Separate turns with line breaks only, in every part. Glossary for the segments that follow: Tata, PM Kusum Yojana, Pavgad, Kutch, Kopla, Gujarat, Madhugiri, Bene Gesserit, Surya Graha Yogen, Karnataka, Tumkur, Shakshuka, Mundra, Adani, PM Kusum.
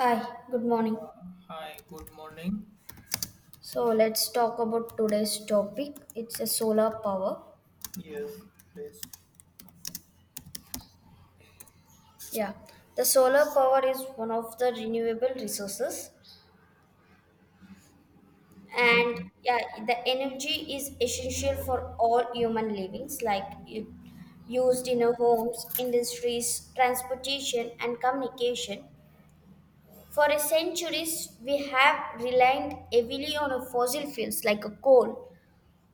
Hi, good morning.
Hi, good morning.
So let's talk about today's topic. It's a solar power.
Yes, please.
Yeah, the solar power is one of the renewable resources, and yeah, the energy is essential for all human livings, like it used in our homes, industries, transportation, and communication. For a centuries, we have relied heavily on a fossil fuels like a coal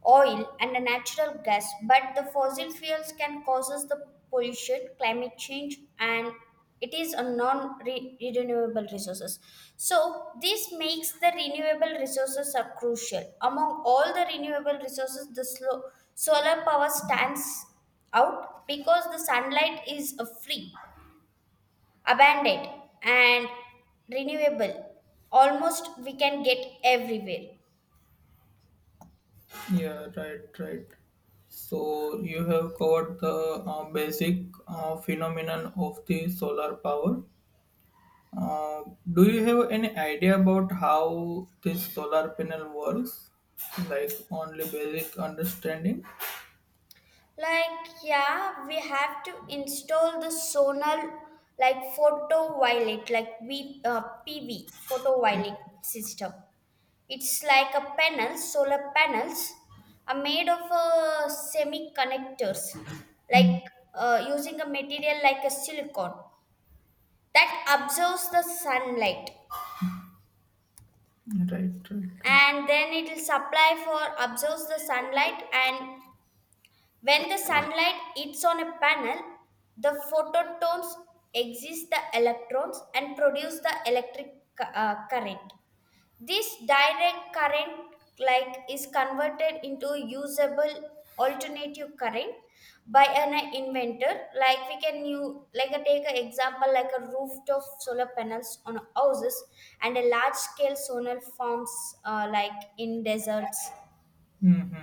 oil and a natural gas, but the fossil fuels can cause the pollution, climate change, and it is a non-renewable resources. So this makes the renewable resources are crucial. Among all the renewable resources, the solar power stands out because the sunlight is a free, abundant, and renewable. Almost we can get everywhere.
Yeah, right, right. So you have covered the basic phenomenon of the solar power. Uh, do you have any idea about how this solar panel works? Like only basic understanding?
Like, yeah, we have to install the Sonal like photoviolet, like we PV photoviolet system. It's like a panel, solar panels are made of semiconductors, like
Mm,
using a material like a silicon that absorbs the sunlight,
right, right, right.
and then it will supply for absorbs the sunlight. And when the sunlight hits on a panel, the phototones exist the electrons and produce the electric current. This direct current like is converted into usable alternative current by an inventor, like we can you like take an example like a rooftop solar panels on houses and a large scale solar farms, like in deserts.
Mm-hmm.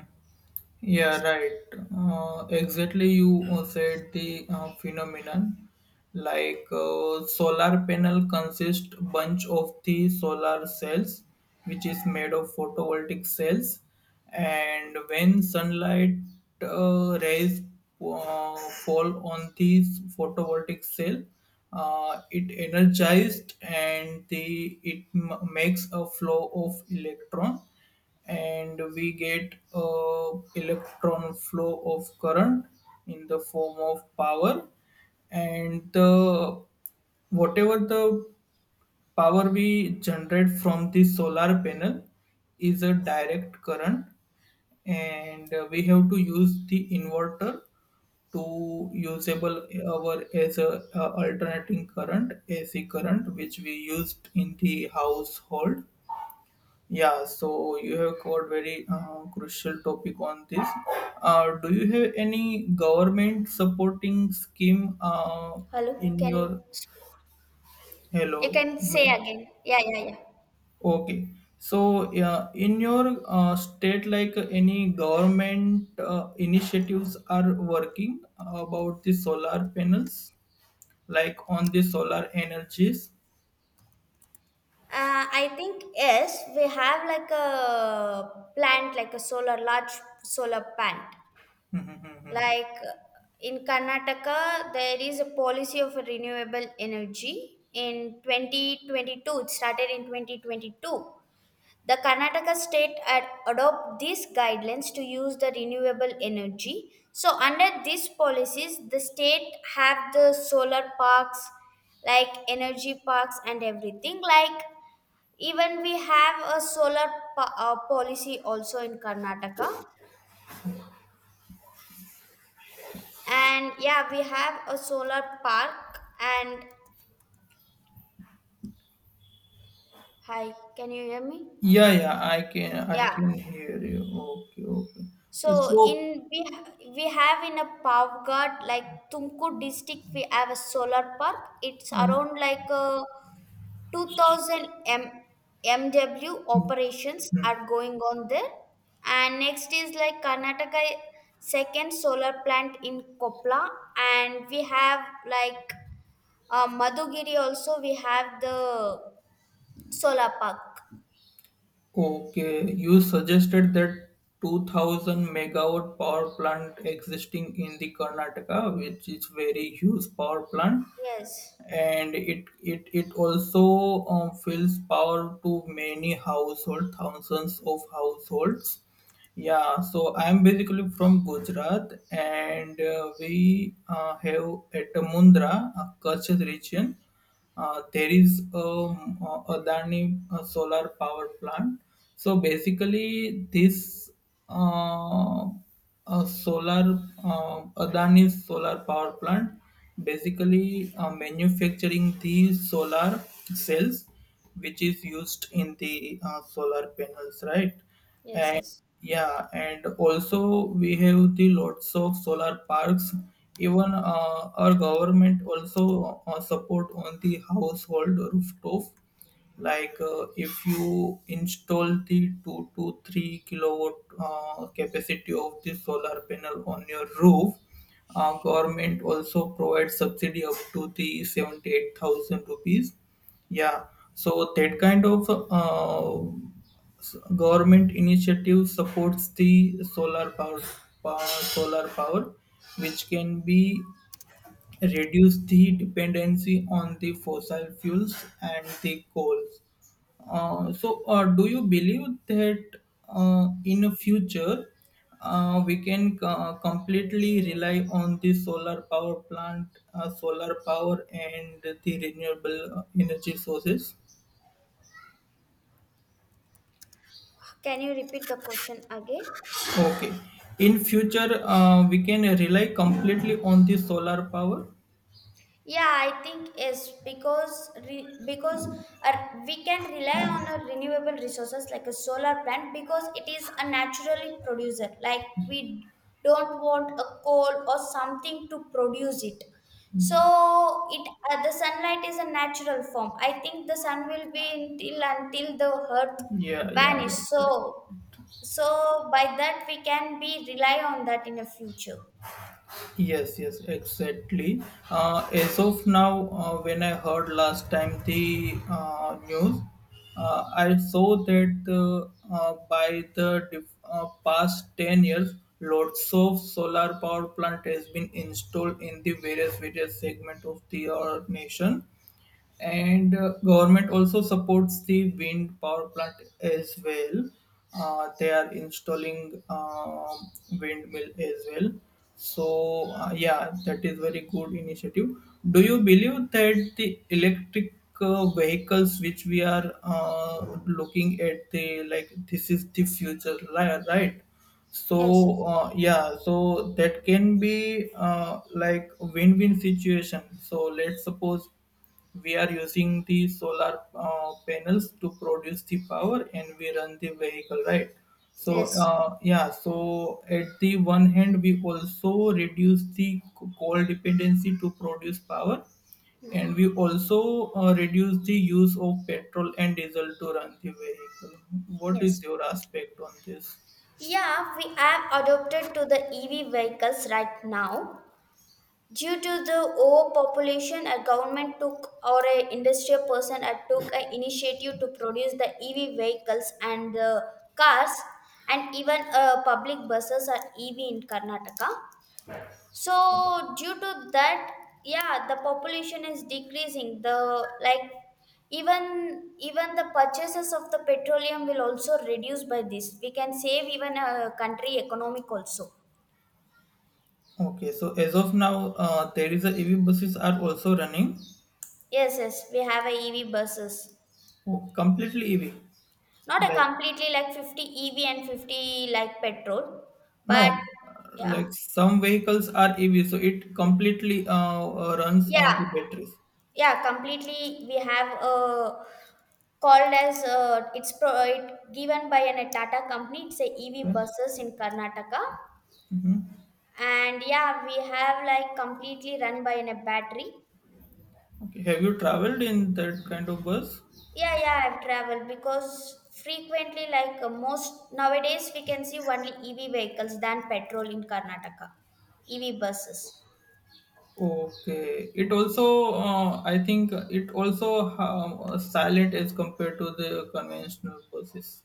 Yeah,
Yes.
right. Exactly, you said the phenomenon. Like solar panel consists bunch of the solar cells, which is made of photovoltaic cells, and when sunlight rays uh, fall on these photovoltaic cell, it energized and the it makes a flow of electron, and we get electron flow of current in the form of power, and the whatever the power we generate from the solar panel is a direct current, and we have to use the inverter to usable our as a, alternating current AC current which we used in the household. Yeah, so you have covered very crucial topic on this. Do you have any government supporting scheme
Hello?
in
Can you
your
You
hello?
can
No.
say again. Yeah, yeah, yeah.
Okay, so yeah, in your state, like any government initiatives are working about the solar panels, like on the solar energies.
I think yes, we have like a plant, like a solar large solar plant. Like in Karnataka, there is a policy of renewable energy. In 2022, it started in 2022. The Karnataka state ad adopt these guidelines to use the renewable energy. So under these policies, the state have the solar parks, like energy parks and everything. Like even we have a solar policy also in Karnataka, and yeah, we have a solar park. And hi, can you hear me?
Yeah, yeah, I can, I
Yeah.
can hear you. Okay, okay.
So
So.
in we have in a Pavgad like Tumkur district we have a solar park. It's
um,
around like 2,000 MW
hmm,
operations
hmm.
are going on there. And next is like Karnataka second solar plant in Kopla, and we have like Madhugiri also we have the solar park.
Okay, you suggested that 2000 megawatt power plant existing in the Karnataka, which is very huge power plant,
Yes.
and it also fills power to many household, thousands of households. Yeah, so I'm basically from Gujarat, and we have at Mundra, Kutch region, there is a Adani solar power plant. So basically, this uh, solar Adani solar power plant basically manufacturing the solar cells, which is used in the solar panels, right?
Yes, yes.
Yeah, and also we have the lots of solar parks. Even our government also support on the household rooftop. Like if you install the 2 to 3 kilowatt capacity of the solar panel on your roof, government also provides subsidy up to the 78,000 rupees. Yeah, so that kind of government initiative supports the power solar power which can be reduce the dependency on the fossil fuels and the coals, so do you believe that in the future we can completely rely on the solar power and the renewable energy sources?
Can you repeat the question again?
Okay. In future, we can rely completely on the solar power.
Yeah, I think yes, because uh, we can rely on our renewable resources like a solar plant because it is a naturally producer. Like we don't want a coal or something to produce it. So it the sunlight is a natural form. I think the sun will be until the earth
Yeah, yeah,
vanish.
right, right.
So by that we can be rely on that in the future.
Yes, yes, exactly. As of now, when I heard last time the news, I saw that by the past 10 years, lots of solar power plant has been installed in the various segment of the our nation, and government also supports the wind power plant as well. They are installing windmill as well. So yeah, that is very good initiative. Do you believe that the electric vehicles which we are looking at the like this is the future right?
Yes,
So
yes,
yeah, so that can be like a win-win situation. So let's suppose we are using the solar panels to produce the power and we run the vehicle, right? So,
yes,
yeah, so at the one hand, we also reduce the coal dependency to produce power,
yeah,
and we also reduce the use of petrol and diesel to run the vehicle. What
yes.
is your aspect on this?
Yeah, we have adopted to the EV vehicles right now. Due to the overpopulation, a government took or a industrial person took an initiative to produce the EV vehicles and, cars, and even public buses are EV in Karnataka, so due to that, yeah, the population is decreasing, the, like, even the purchases of the petroleum will also reduce. By this we can save even a country economic also.
Okay, so as of now, there is a EV buses are also running.
Yes, yes, we have a EV buses,
Oh, completely EV,
not a
like.
completely, like 50 EV and 50 like petrol.
No,
But yeah,
like some vehicles are EV, so it completely runs on
yeah,
the batteries.
yeah, completely we have a called as it given by a Tata company. It's a EV
Okay.
buses in Karnataka, and yeah, we have like completely run by a battery.
Okay. Have you traveled in that kind of bus?
Yeah, yeah, I've traveled because frequently, like most nowadays, we can see only EV vehicles than petrol in Karnataka, EV buses.
Okay. It also, I think, it also silent as compared to the conventional buses.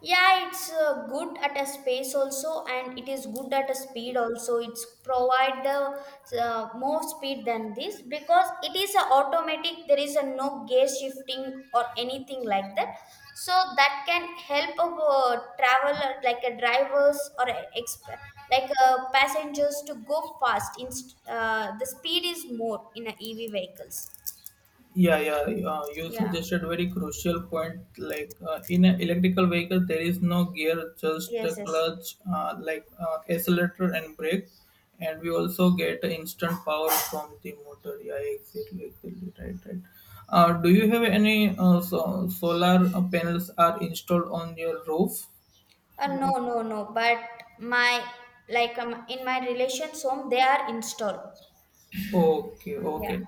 Yeah, it's good at a space also, and it is good at a speed also. It's provide the more speed than this because it is a automatic. There is a no gear shifting or anything like that. So that can help a traveler, like a drivers or like a passengers to go fast. The speed is more in a EV vehicles.
Yeah, yeah. You
Yeah.
suggested very crucial point. Like in an electrical vehicle, there is no gear, just a
Yes. Yes.
clutch, like accelerator and brake, and we also get instant power from the motor. Yeah, exactly, exactly, right, right. Do you have any solar panels are installed on your roof?
No,
Like.
no, no. But my like in my relations home, they are installed.
Okay,
Yeah.
okay,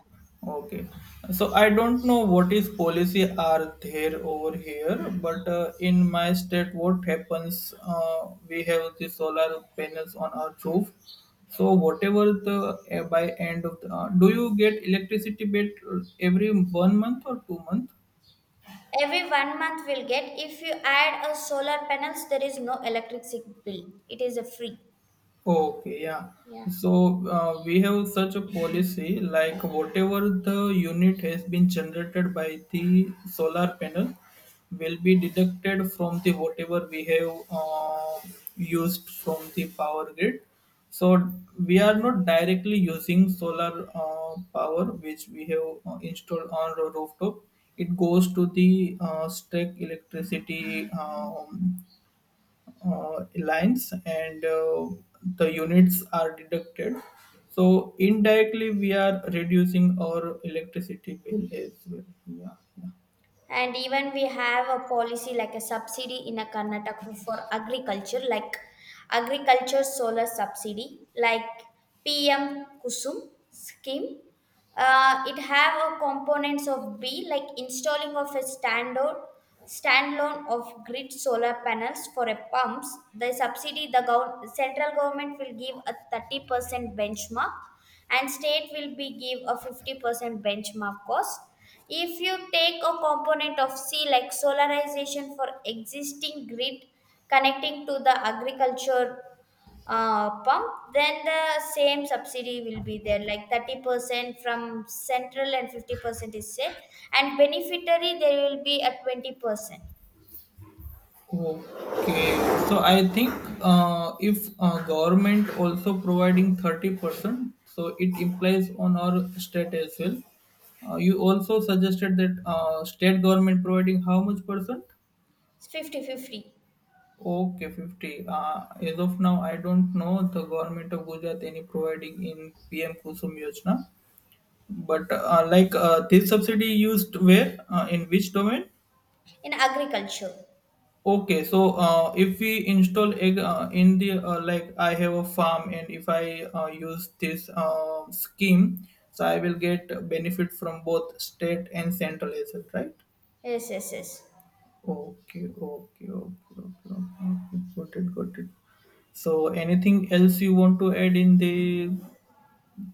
okay. So I don't know what is policy are there over here, but in my state, what happens? We have the solar panels on our roof. So whatever the by end of the, do you get electricity bit every one month or 2 month?
Every one month we'll get. If you add a solar panels, there is no electricity bill. It is a free.
Okay, yeah.
Yeah.
So we have such a policy like whatever the unit has been generated by the solar panel will be deducted from the whatever we have used from the power grid. So we are not directly using solar power which we have installed on our rooftop. It goes to the stack electricity lines, and the units are deducted. So indirectly, we are reducing our electricity bill as well. Yeah. Yeah.
And even we have a policy like a subsidy in a Karnataka for agriculture, like agriculture solar subsidy, like PM Kusum scheme. It have a components of B like installing of a standard standalone of grid solar panels for a pumps. The subsidy, the central government will give a 30% benchmark, and state will be give a 50% benchmark cost. If you take a component of C like solarization for existing grid connecting to the agriculture pump, then the same subsidy will be there, like 30% from central and 50% is said, and beneficiary there will be at 20%,
Okay. So I think if government also providing 30%, so it implies on our state as well. You also suggested that state government providing how much percent?
fifty-fifty
Okay, 50. As of now, I don't know the government of Gujarat any providing in PM Kusum Yojana. But like this subsidy used where in which domain?
in agriculture.
Okay, so if we install egg in the like I have a farm and if I use this scheme, so I will get benefit from both state and central as well, right?
Yes, yes, yes.
Okay, okay, okay, okay, okay. Okay. Got it, got it. So anything else you want to add in the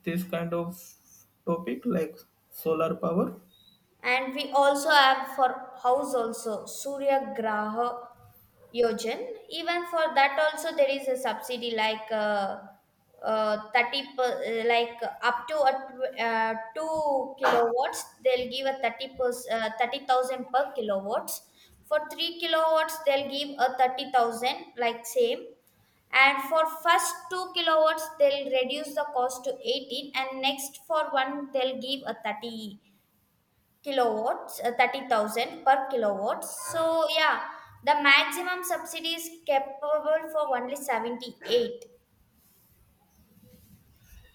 this kind of topic like solar power?
And we also have for house also Surya Graha Yogen. Even for that also there is a subsidy, like 30 like up to a 2 kilowatts they'll give a 30 30,000 per kilowatts. For 3 kilowatts they'll give a 30,000 like same. And for first 2 kilowatts they'll reduce the cost to 18, and next for one they'll give a 30 kilowatts, 30,000 per kilowatts. So, yeah, the maximum subsidy is capable for only 78.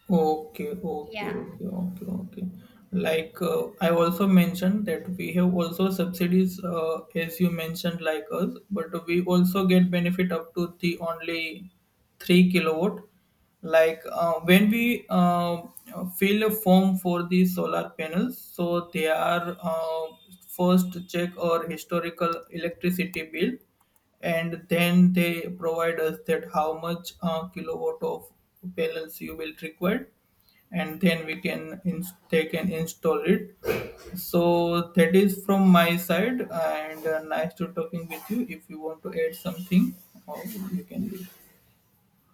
Okay, okay,
Yeah.
okay, okay, okay. Like I also mentioned that we have also subsidies, as you mentioned, like us, but we also get benefit up to the only 3 kilowatt. Like when we fill a form for the solar panels, so they are first check our historical electricity bill, and then they provide us that how much kilowatt of panels you will require, and then we can they can install it. So that is from my side, and nice to talking with you. If you want to add something or you can leave.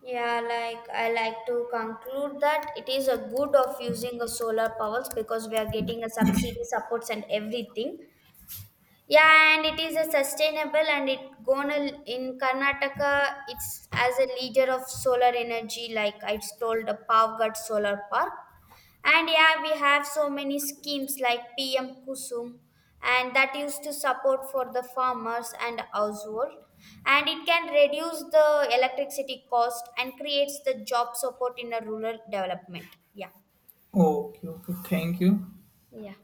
Yeah, like I like to conclude that it is a good of using a solar powers because we are getting a subsidy supports and everything. Yeah, and it is a sustainable and it gonna in Karnataka. It's as a leader of solar energy, like I told, the Pavgad Solar Park. And yeah, we have so many schemes like PM Kusum, and that used to support for the farmers and household. And it can reduce the electricity cost and creates the job support in a rural development. Yeah.
Okay, okay, thank you.
Yeah.